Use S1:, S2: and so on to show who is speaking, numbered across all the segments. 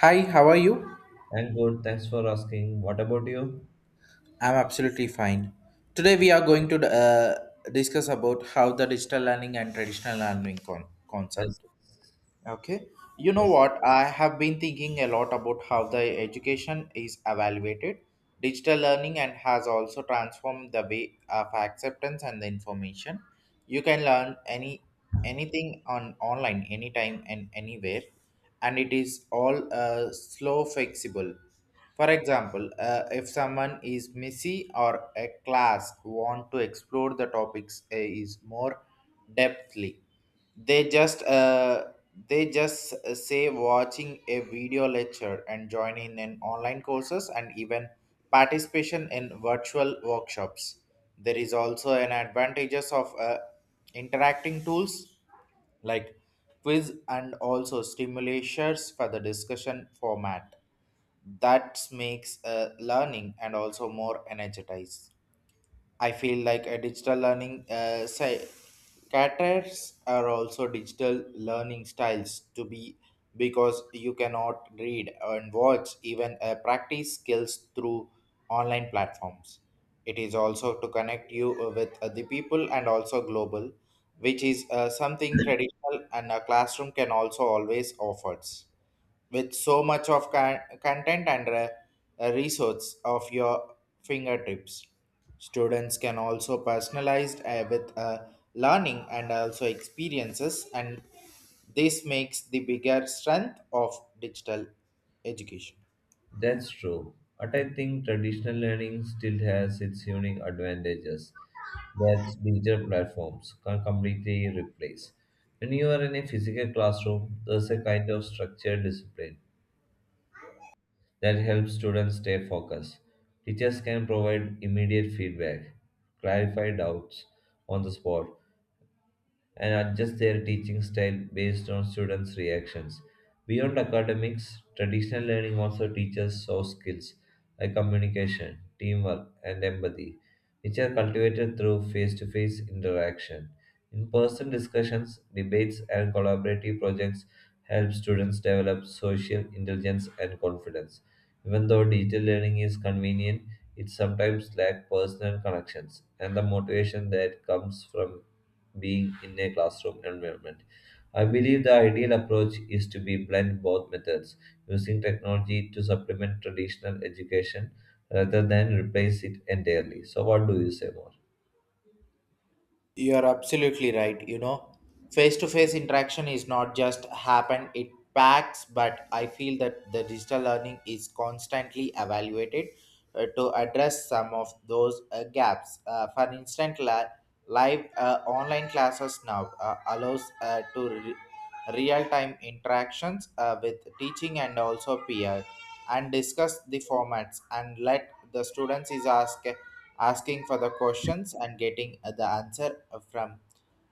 S1: Hi, how are you?
S2: I'm good. Thanks for asking. What about you?
S1: I'm absolutely fine. Today we are going to discuss about how the digital learning and traditional learning
S2: Yes,
S1: concept. Okay. You know
S2: yes,
S1: what? I have been thinking a lot about how the education is evaluated. Digital learning and has also transformed the way of acceptance and the information. You can learn anything on online anytime and anywhere, and it is all slow flexible. For example, if someone is messy or a class want to explore the topics is more depthly, they just uh, they just say watching a video lecture and joining in online courses and even participation in virtual workshops. There is also an advantages of interacting tools like quiz and also stimulators for the discussion format that makes learning and also more energized. I feel like a digital learning say caters are also digital learning styles to be, because you cannot read and watch even practice skills through online platforms. It is also to connect you with the people and also global, which is something traditional and a classroom can also always offers with so much of content and resource of your fingertips. Students can also personalize with learning and also experiences, and this makes the bigger strength of digital education.
S2: that's true. But I think traditional learning still has its unique advantages that digital platforms can completely replace. When you are in a physical classroom, there's a kind of structured discipline that helps students stay focused. Teachers can provide immediate feedback, clarify doubts on the spot, and adjust their teaching style based on students' reactions. Beyond academics, traditional learning also teaches soft skills like communication, teamwork, and empathy, which are cultivated through face to face interaction. In person discussions, debates, and collaborative projects help students develop social intelligence and confidence. Even though digital learning is convenient, it sometimes lacks personal connections and the motivation that comes from being in a classroom environment. I believe the ideal approach is to be blend both methods, using technology to supplement traditional education rather than replace it entirely. So, what do you say more?
S1: You're absolutely right. You know, face to face interaction is not just happen, it packs, but I feel that the digital learning is constantly evaluated to address some of those gaps. For instance, live online classes now allows real-time interactions with teaching and also peer and discuss the formats and let the students is asking for the questions and getting the answer from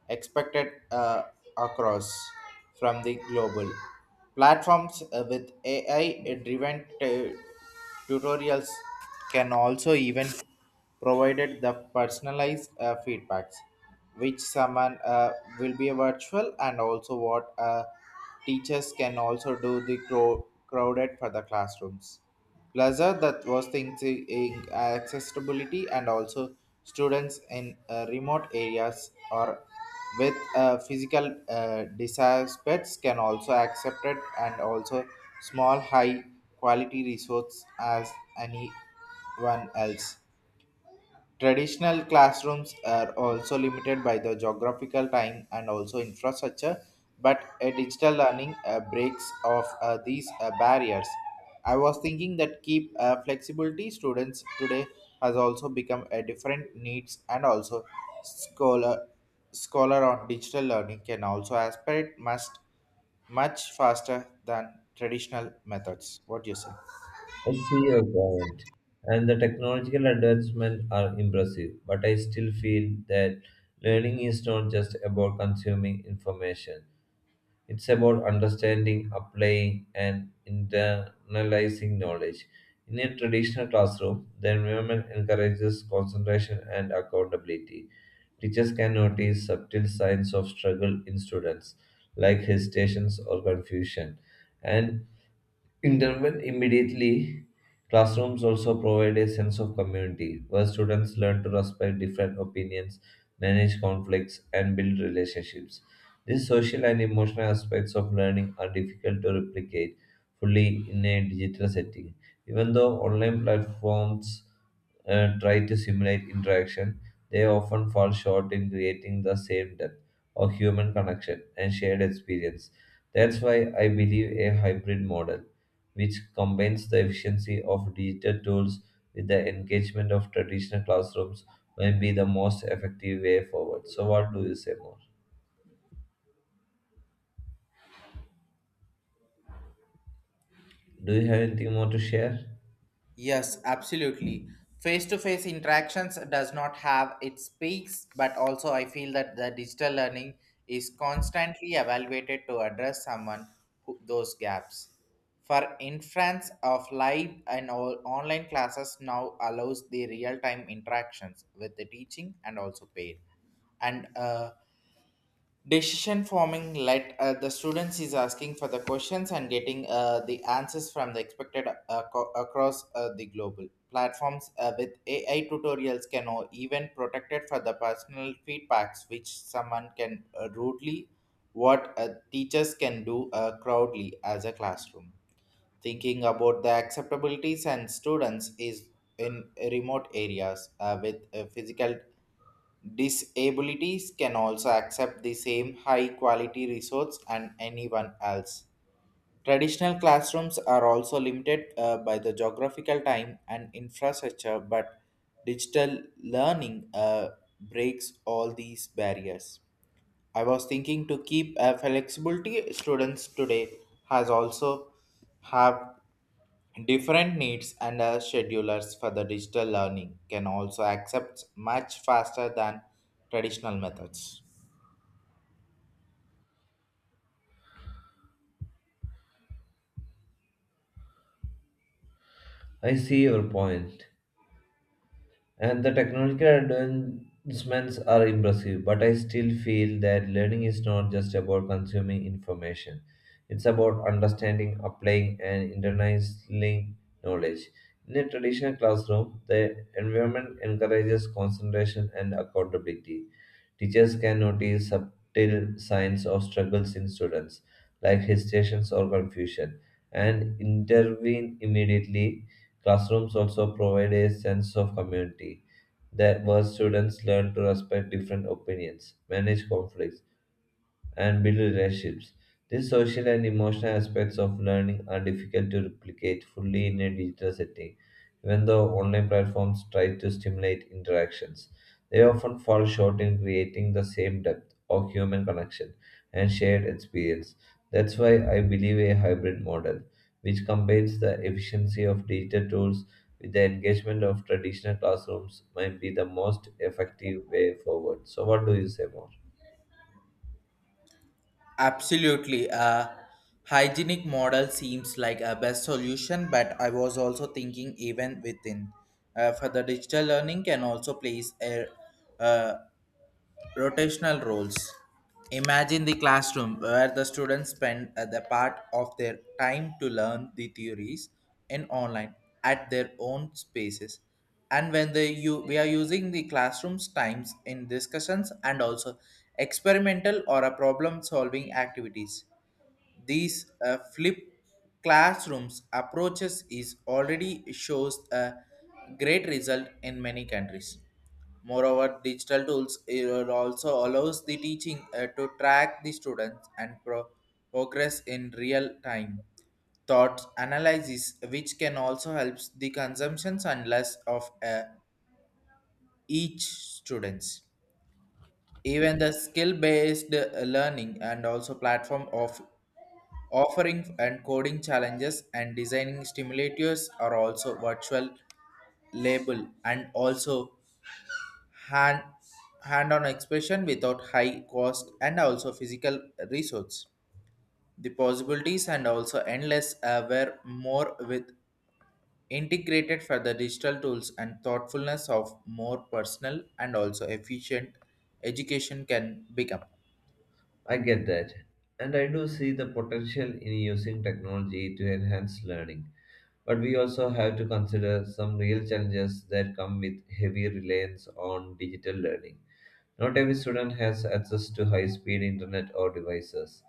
S1: expected across from the global platforms with ai driven tutorials can also even provided the personalized feedbacks, which someone will be virtual and also what teachers can also do the crowded for the classrooms. Pleasure that was things in accessibility and also students in remote areas or with physical disaspects can also accept it, and also small high quality resource as anyone else. Traditional classrooms are also limited by the geographical time and also infrastructure, but a digital learning breaks off these barriers. I was thinking that keep flexibility students today has also become a different needs and also scholar scholar on digital learning can also aspirate must much faster than traditional methods. What do you say?
S2: I see your point, and the technological advancements are impressive, but I still feel that learning is not just about consuming information. It's about understanding, applying, and internalizing knowledge. In a traditional classroom, the environment encourages concentration and accountability. Teachers can notice subtle signs of struggle in students, like hesitations or confusion, and intervened immediately, classrooms also provide a sense of community where students learn to respect different opinions, manage conflicts, and build relationships. These social and emotional aspects of learning are difficult to replicate fully in a digital setting. Even though online platforms try to simulate interaction, they often fall short in creating the same depth of human connection and shared experience. That's why I believe a hybrid model, which combines the efficiency of digital tools with the engagement of traditional classrooms, may be the most effective way forward. So, what do you say more? Do you have anything more to share?
S1: Yes, absolutely. Face-to-face interactions does not have its peaks, but also I feel that the digital learning is constantly evaluated to address someone who, those gaps. For inference of live and all online classes now allows the real-time interactions with the teaching and also paid and decision forming let the students is asking for the questions and getting the answers from the expected across the global platforms with ai tutorials can even protected for the personal feedbacks which someone can rudely what teachers can do crowdly as a classroom thinking about the acceptabilities and students is in remote areas with physical disabilities can also accept the same high quality resource and anyone else. Traditional classrooms are also limited by the geographical time and infrastructure, but digital learning breaks all these barriers. I was thinking to keep a flexibility students today has also have different needs and schedulers for the digital learning can also accept much faster than traditional methods.
S2: I see your point. And the technological advancements are impressive, but I still feel that learning is not just about consuming information. It's about understanding, applying, and internalizing knowledge. In a traditional classroom, the environment encourages concentration and accountability. Teachers can notice subtle signs of struggles in students, like hesitations or confusion, and intervene immediately. Classrooms also provide a sense of community, that where students learn to respect different opinions, manage conflicts, and build relationships. These social and emotional aspects of learning are difficult to replicate fully in a digital setting, even though online platforms try to stimulate interactions. They often fall short in creating the same depth of human connection and shared experience. That's why I believe a hybrid model, which combines the efficiency of digital tools with the engagement of traditional classrooms, might be the most effective way forward. So, what do you say more?
S1: Absolutely. Hygienic model seems like a best solution, but I was also thinking even within. For the digital learning can also place a, uh, rotational roles. Imagine the classroom where the students spend the part of their time to learn the theories in online at their own spaces. And when they you we are using the classroom's times in discussions and also experimental or a problem solving activities. These flip classrooms approaches is already shows a great result in many countries. Moreover, digital tools it also allows the teaching to track the students and progress in real time. Thought analysis, which can also help the consumptions and less of each students. Even the skill-based learning and also platform of offering and coding challenges and designing stimulators are also virtual label and also hand hand-on expression without high cost and also physical resource. The possibilities and also endless were more with integrated for the digital tools and thoughtfulness of more personal and also efficient education can become.
S2: I get that. And I do see the potential in using technology to enhance learning. But we also have to consider some real challenges that come with heavy reliance on digital learning. Not every student has access to high speed internet or devices,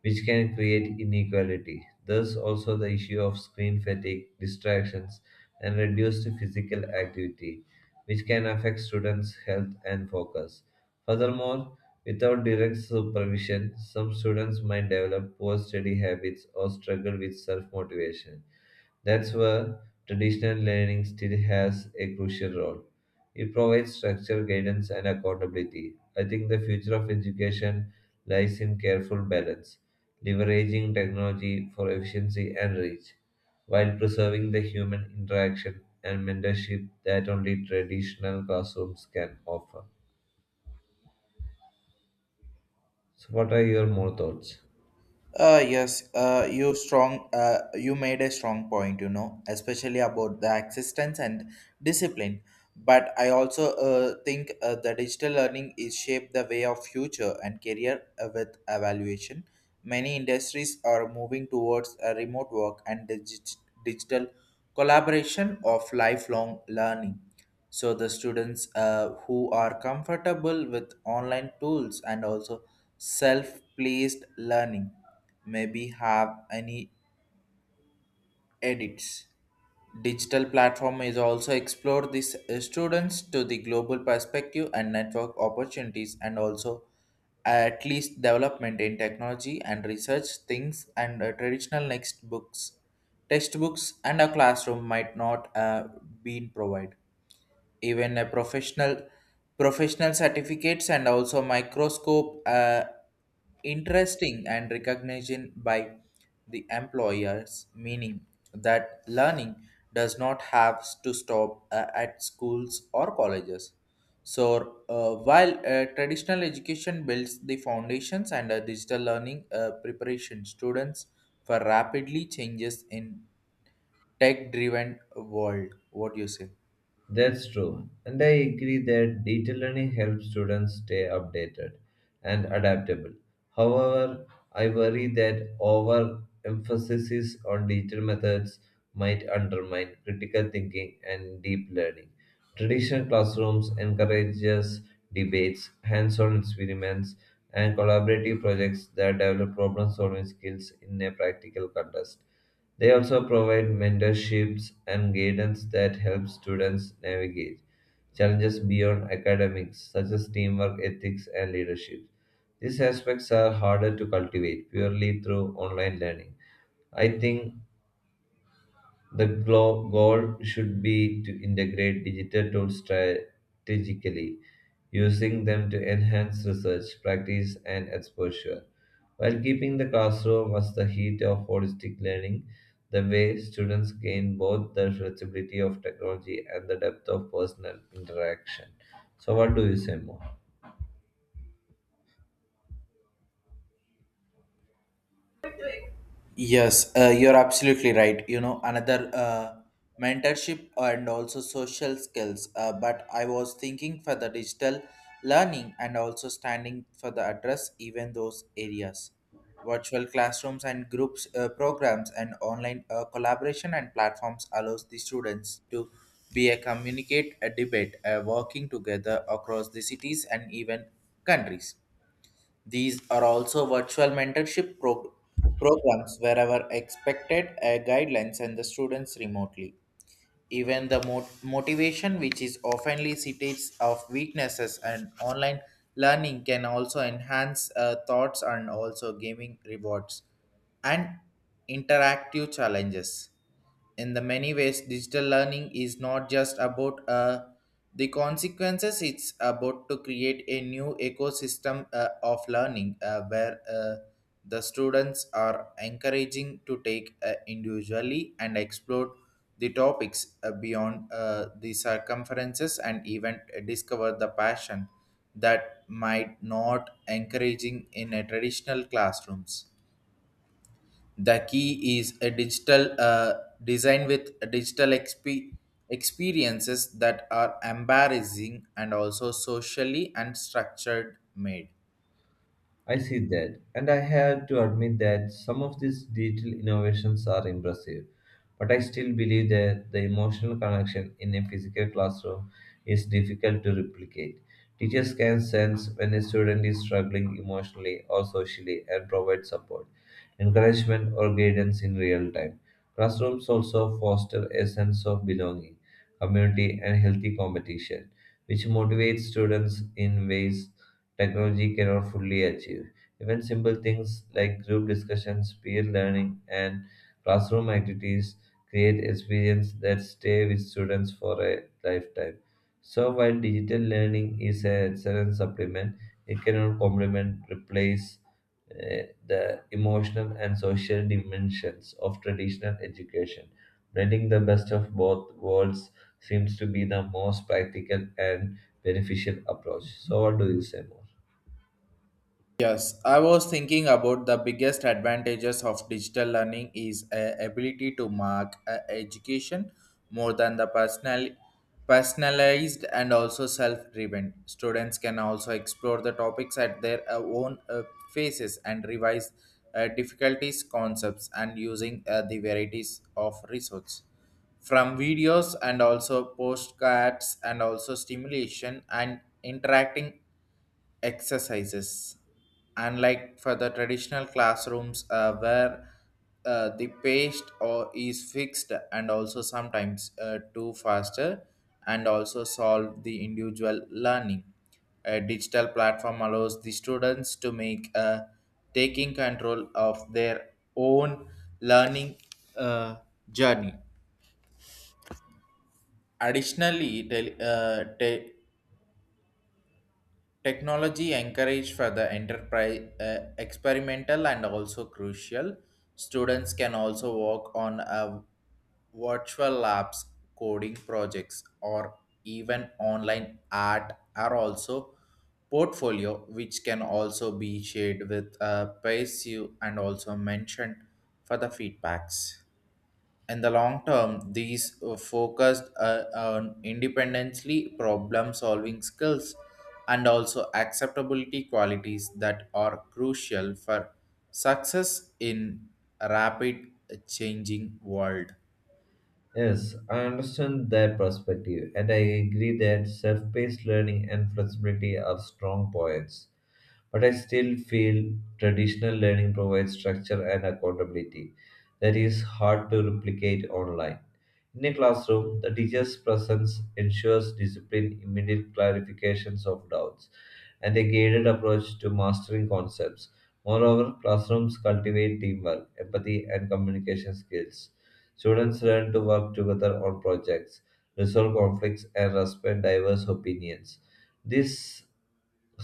S2: which can create inequality. There's also the issue of screen fatigue, distractions, and reduced physical activity, which can affect students' health and focus. Furthermore, without direct supervision, some students might develop poor study habits or struggle with self motivation. That's where traditional learning still has a crucial role. It provides structure, guidance, and accountability. I think the future of education lies in careful balance, leveraging technology for efficiency and reach, while preserving the human interaction and mentorship that only traditional classrooms can offer. So, what are your more thoughts?
S1: You made a strong point. You know, especially about the existence and discipline. But I also think the digital learning is shaped the way of future and career with evaluation. Many industries are moving towards a remote work and digital collaboration of lifelong learning. So the students who are comfortable with online tools and also self-placed learning maybe have any edits. Digital platform is also explore these students to the global perspective and network opportunities and also at least development in technology and research things and traditional next books textbooks and a classroom might not been provided even a professional certificates and also microscope interesting and recognition by the employers, meaning that learning does not have to stop at schools or colleges. So while traditional education builds the foundations and digital learning preparation students for rapidly changes in tech driven world. What do you say?
S2: That's true, and I agree that detailed learning helps students stay updated and adaptable. However, I worry that overemphasis on detailed methods might undermine critical thinking and deep learning. Traditional classrooms encourages debates, hands-on experiments, and collaborative projects that develop problem-solving skills in a practical context. They also provide mentorships and guidance that help students navigate challenges beyond academics, such as teamwork, ethics, and leadership. These aspects are harder to cultivate purely through online learning. I think the goal should be to integrate digital tools strategically, using them to enhance research, practice, and exposure, while keeping the classroom as the heat of holistic learning. The way students gain both the flexibility of technology and the depth of personal interaction. So, what do you say more?
S1: Yes, you're absolutely right. You know, another mentorship and also social skills. But I was thinking for the digital learning and also standing for the address, even those areas. Virtual classrooms and groups programs and online collaboration and platforms allows the students to be a communicate, a debate, a working together across the cities and even countries. These are also virtual mentorship programs wherever expected guidelines and the students remotely. Even the motivation, which is oftenly cities of weaknesses and online learning, can also enhance thoughts and also gaming rewards and interactive challenges. In the many ways, digital learning is not just about a the consequences. It's about to create a new ecosystem of learning where the students are encouraging to take individually and explore the topics beyond the circumferences and even discover the passion that might not encouraging in a traditional classrooms. The key is a digital design with a digital experiences that are embarrassing and also socially and structured made.
S2: I see that, and I have to admit that some of these digital innovations are impressive, but I still believe that the emotional connection in a physical classroom is difficult to replicate. Teachers can sense when a student is struggling emotionally or socially and provide support, encouragement, or guidance in real time. Classrooms also foster a sense of belonging, community, and healthy competition, which motivates students in ways technology cannot fully achieve. Even simple things like group discussions, peer learning, and classroom activities create experiences that stay with students for a lifetime. So, while digital learning is an excellent supplement, it cannot complement, replace the emotional and social dimensions of traditional education. Blending the best of both worlds seems to be the most practical and beneficial approach. So, what do you say more?
S1: Yes, I was thinking about the biggest advantages of digital learning is a ability to mark a education more than the personalized and also self-driven. Students can also explore the topics at their own paces and revise difficulties, concepts, and using the varieties of resources from videos and also postcards and also stimulation and interacting exercises, unlike for the traditional classrooms where the pace or is fixed and also sometimes too faster and also solve the individual learning. A digital platform allows the students to make taking control of their own learning uh, journey. Additionally, technology encourage for the enterprise experimental and also crucial. Students can also work on a virtual labs, coding projects, or even online art are also portfolio which can also be shared with pays you and also mentioned for the feedbacks. In the long term, these focused on independently problem solving skills and also acceptability qualities that are crucial for success in a rapid changing world.
S2: Yes, I understand that perspective, and I agree that self paced learning and flexibility are strong points. But I still feel traditional learning provides structure and accountability that is hard to replicate online. In a classroom, the teacher's presence ensures discipline, immediate clarifications of doubts, and a guided approach to mastering concepts. Moreover, classrooms cultivate teamwork, empathy, and communication skills. Students learn to work together on projects, resolve conflicts, and respect diverse opinions. These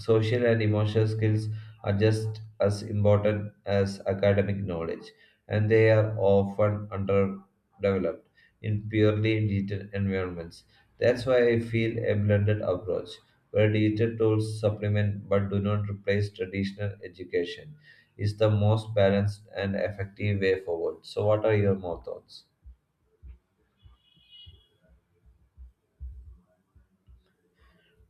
S2: social and emotional skills are just as important as academic knowledge, and they are often underdeveloped in purely digital environments. That's why I feel a blended approach, where digital tools supplement but do not replace traditional education is the most balanced and effective way forward. So, what are your more thoughts?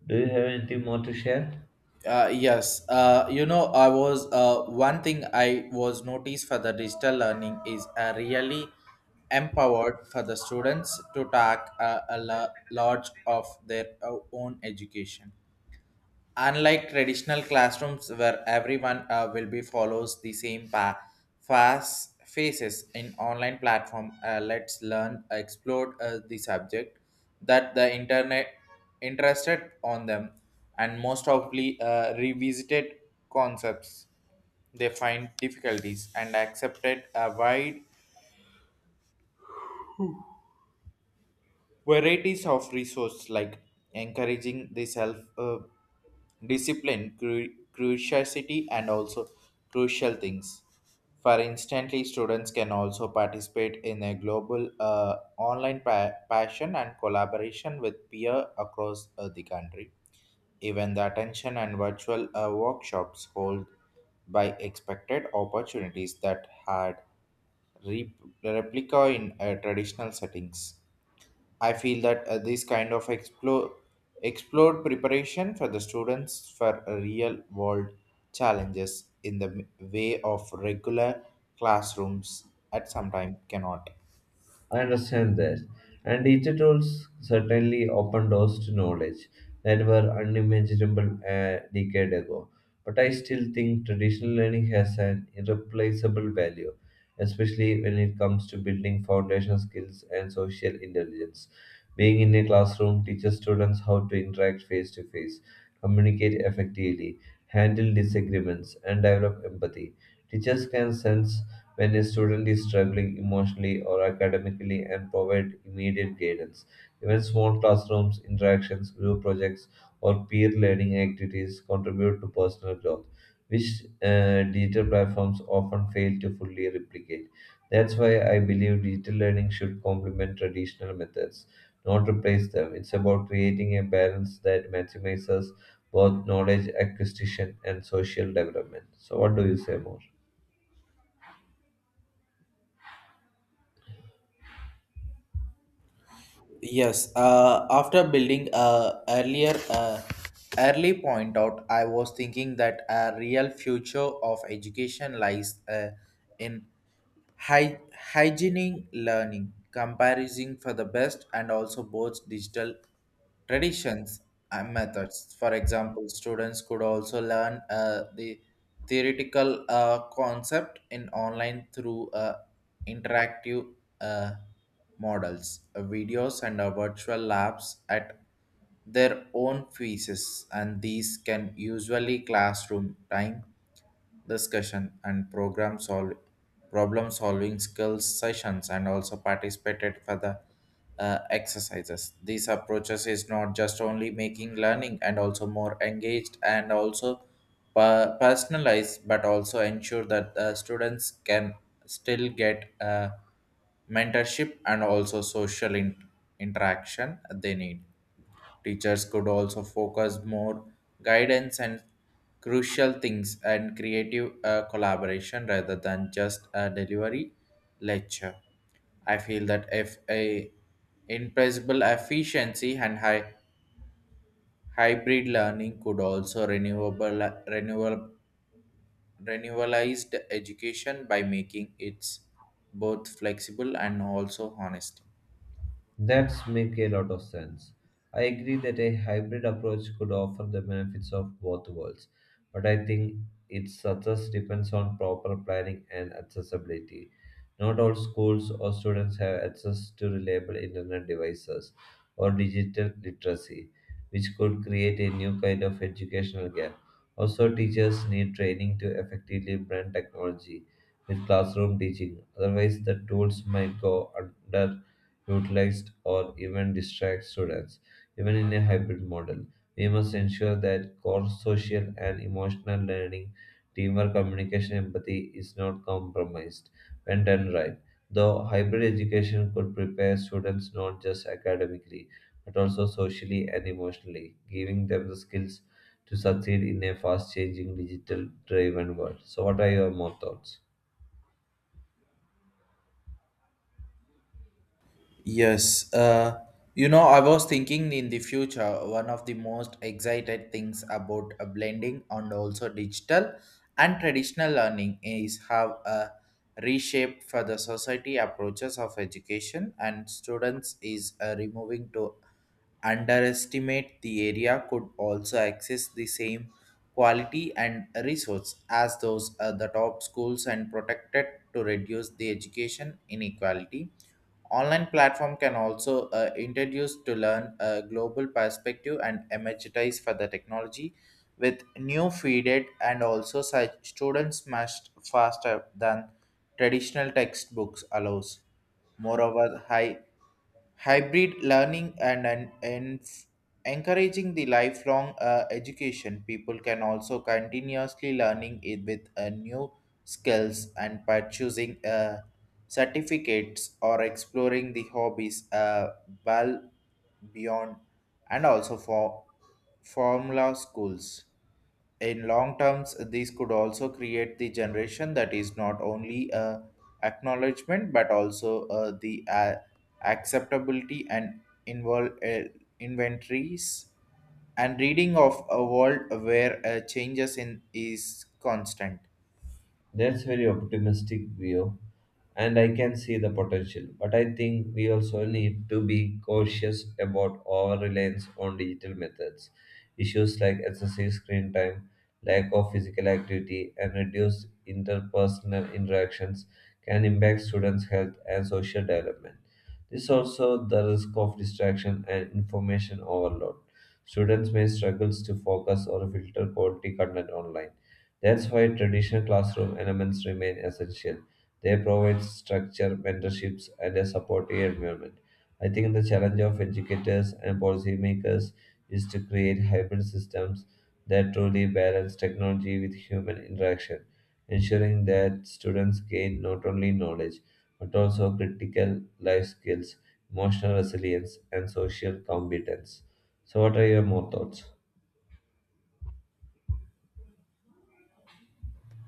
S2: Do you have anything more to share?
S1: Yes you know, I was one thing I was noticed for the digital learning is really empowered for the students to take a large of their own education, unlike traditional classrooms where everyone will be follows the same path. Fast faces in online platform let's learn explore the subject that the internet interested on them and most probably revisited concepts they find difficulties and accepted a wide varieties of resource, like encouraging the self discipline, curiosity, and also crucial things. For instantly, students can also participate in a global online passion and collaboration with peer across the country, even the attention and virtual workshops hold by expected opportunities that had re- replica in traditional settings. I feel that this kind of explored preparation for the students for real world challenges in the way of regular classrooms at some time cannot.
S2: I understand that. And digital tools certainly open doors to knowledge that were unimaginable a decade ago. But I still think traditional learning has an irreplaceable value, especially when it comes to building foundation skills and social intelligence. Being in a classroom teaches students how to interact face to face, communicate effectively, handle disagreements, and develop empathy. Teachers can sense when a student is struggling emotionally or academically and provide immediate guidance. Even small classrooms, interactions, group projects, or peer learning activities contribute to personal growth, which digital platforms often fail to fully replicate. That's why I believe digital learning should complement traditional methods, not replace them. It's about creating a balance that maximizes both knowledge acquisition and social development. So, what do you say more?
S1: Yes, after building a earlier early point out, I was thinking that a real future of education lies in Hy- hygienic learning, comparison for the best and also both digital traditions and methods. For example, students could also learn the theoretical concept in online through interactive uh, models, videos, and virtual labs at their own pieces, and these can usually classroom time discussion and program solve problem solving skills sessions and also participated for the exercises. These approaches is not just only making learning and also more engaged and also personalized but also ensure that students can still get mentorship and also social interaction they need. Teachers could also focus more guidance and crucial things and creative collaboration rather than just a delivery lecture. I feel that if a impressible efficiency and high hybrid learning could also renewable renewalized education by making it both flexible and also honest.
S2: That's make a lot of sense. I agree that a hybrid approach could offer the benefits of both worlds, but I think its success depends on proper planning and accessibility. Not all schools or students have access to reliable internet devices or digital literacy, which could create a new kind of educational gap. Also, teachers need training to effectively blend technology with classroom teaching, otherwise, the tools might go under utilized, or even distract students. Even in a hybrid model, we must ensure that core social and emotional learning, teamwork, communication, empathy is not compromised when done right. Though hybrid education could prepare students not just academically but also socially and emotionally, giving them the skills to succeed in a fast changing digital driven world. So, what are your more thoughts?
S1: Yes, I was thinking in the future, one of the most excited things about blending and also digital and traditional learning is how reshape for the society approaches of education and students is removing to underestimate the area could also access the same quality and resource as those the top schools and protected to reduce the education inequality. Online platform can also introduce to learn a global perspective and emphasize for the technology with new feeded and also such students must faster than traditional textbooks allows. Moreover, high hybrid learning and encouraging the lifelong education people can also continuously learning it with new skills and by choosing certificates or exploring the hobbies well beyond and also for formula schools. In long terms these could also create the generation that is not only a acknowledgement but also the acceptability and involve inventories and reading of a world where changes in is constant.
S2: That's very optimistic view, and I can see the potential. But I think we also need to be cautious about our reliance on digital methods. Issues like excessive screen time, lack of physical activity, and reduced interpersonal interactions can impact students' health and social development. This also the risk of distraction and information overload. Students may struggle to focus or filter quality content online, that's why traditional classroom elements remain essential. They provide structure, mentorships, and a supportive environment. I think the challenge of educators and policymakers is to create hybrid systems that truly balance technology with human interaction, ensuring that students gain not only knowledge but also critical life skills, emotional resilience, and social competence. So, what are your more thoughts?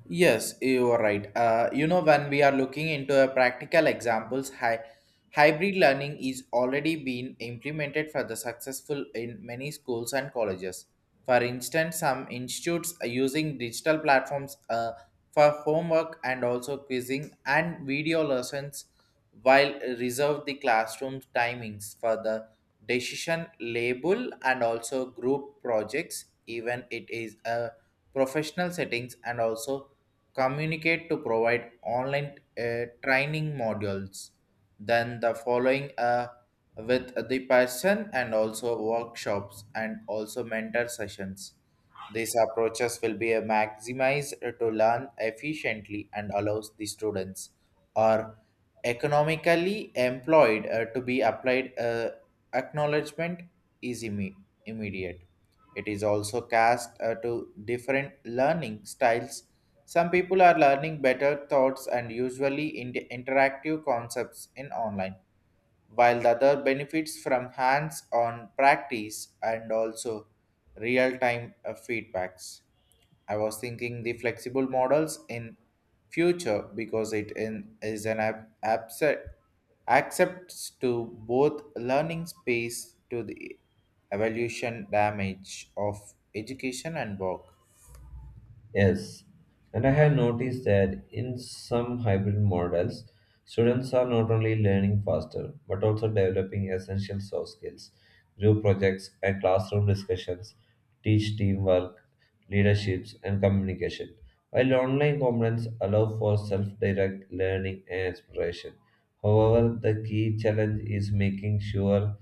S1: Yes, you are right. When we are looking into a practical examples, hybrid learning is already being implemented for the successful in many schools and colleges. For instance, some institutes are using digital platforms for homework and also quizzing and video lessons, while reserve the classroom timings for the decision label and also group projects. Even it is a professional settings and also communicate to provide online training modules then the following with the person and also workshops and also mentor sessions. These approaches will be maximized to learn efficiently and allows the students or economically employed to be applied acknowledgement is immediate. It is also cast to different learning styles. Some people are learning better thoughts and usually in interactive concepts in online, while the other benefits from hands-on practice and also real-time feedbacks. I was thinking the flexible models in future because is an accepts to both learning space to the evolution damage of education and work.
S2: Yes, and I have noticed that in some hybrid models, students are not only learning faster but also developing essential soft skills. Group projects and classroom discussions teach teamwork, leaderships, and communication, while online components allow for self direct learning and exploration. However, the key challenge is making sure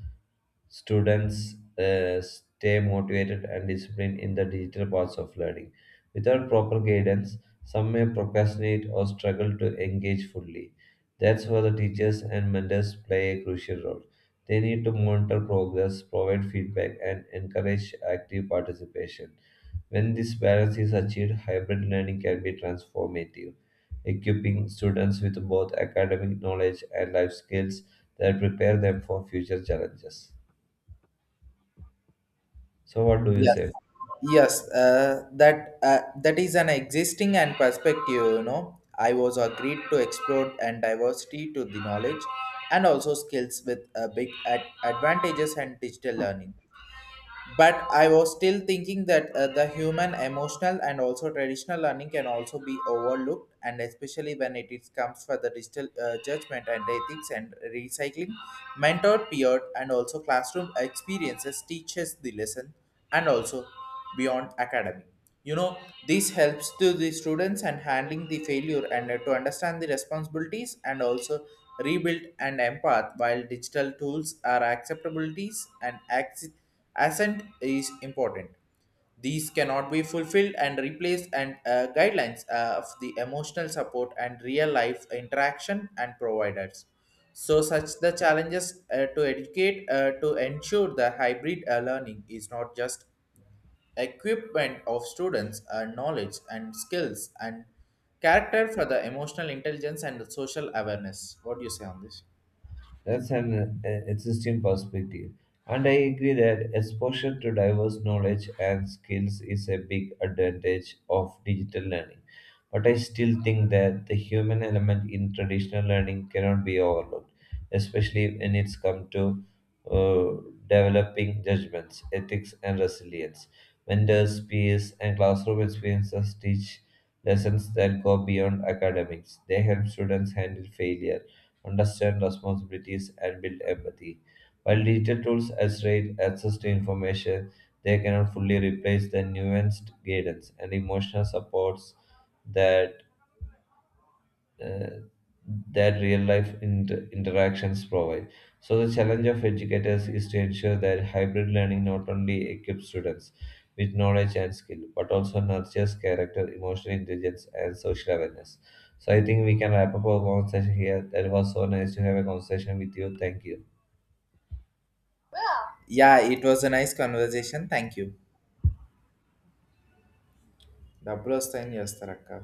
S2: students stay motivated and disciplined in the digital parts of learning. Without proper guidance, some may procrastinate or struggle to engage fully. That's where the teachers and mentors play a crucial role. They need to monitor progress, provide feedback, and encourage active participation. When this balance is achieved, hybrid learning can be transformative, equipping students with both academic knowledge and life skills that prepare them for future challenges. So what do you
S1: Yes,
S2: say?
S1: yes, that is an existing and perspective. I was agreed to explore and diversity to the knowledge and also skills with a big advantages and digital learning, but I was still thinking that the human emotional and also traditional learning can also be overlooked and especially when it is comes for the digital judgment and ethics and recycling mentor peer and also classroom experiences teaches the lesson and also beyond academy. you know this helps to the students and handling the failure and to understand the responsibilities and also rebuild and empath while digital tools are acceptabilities and assent is important. These cannot be fulfilled and replaced and guidelines of the emotional support and real life interaction and providers. So such the challenges to educate to ensure the hybrid learning is not just equipment of students are knowledge and skills and character for the emotional intelligence and the social awareness. What do you say on this?
S2: That's an existing perspective. And I agree that exposure to diverse knowledge and skills is a big advantage of digital learning. But I still think that the human element in traditional learning cannot be overlooked, especially when it's come to uh, developing judgments, ethics, and resilience. Mentors, peers, and classroom experiences teach lessons that go beyond academics. They help students handle failure, understand responsibilities, and build empathy. While digital tools accelerate access to information, they cannot fully replace the nuanced guidance and emotional supports that uh, real life interactions provide. So, the challenge of educators is to ensure that hybrid learning not only equips students with knowledge and skill, but also nurtures character, emotional intelligence, and social awareness. So, I think we can wrap up our conversation here. That was so nice to have a conversation with you. Thank you.
S1: Yeah, it was a nice conversation. Thank you. డబ్బులు వస్తాయని చేస్తారు అక్క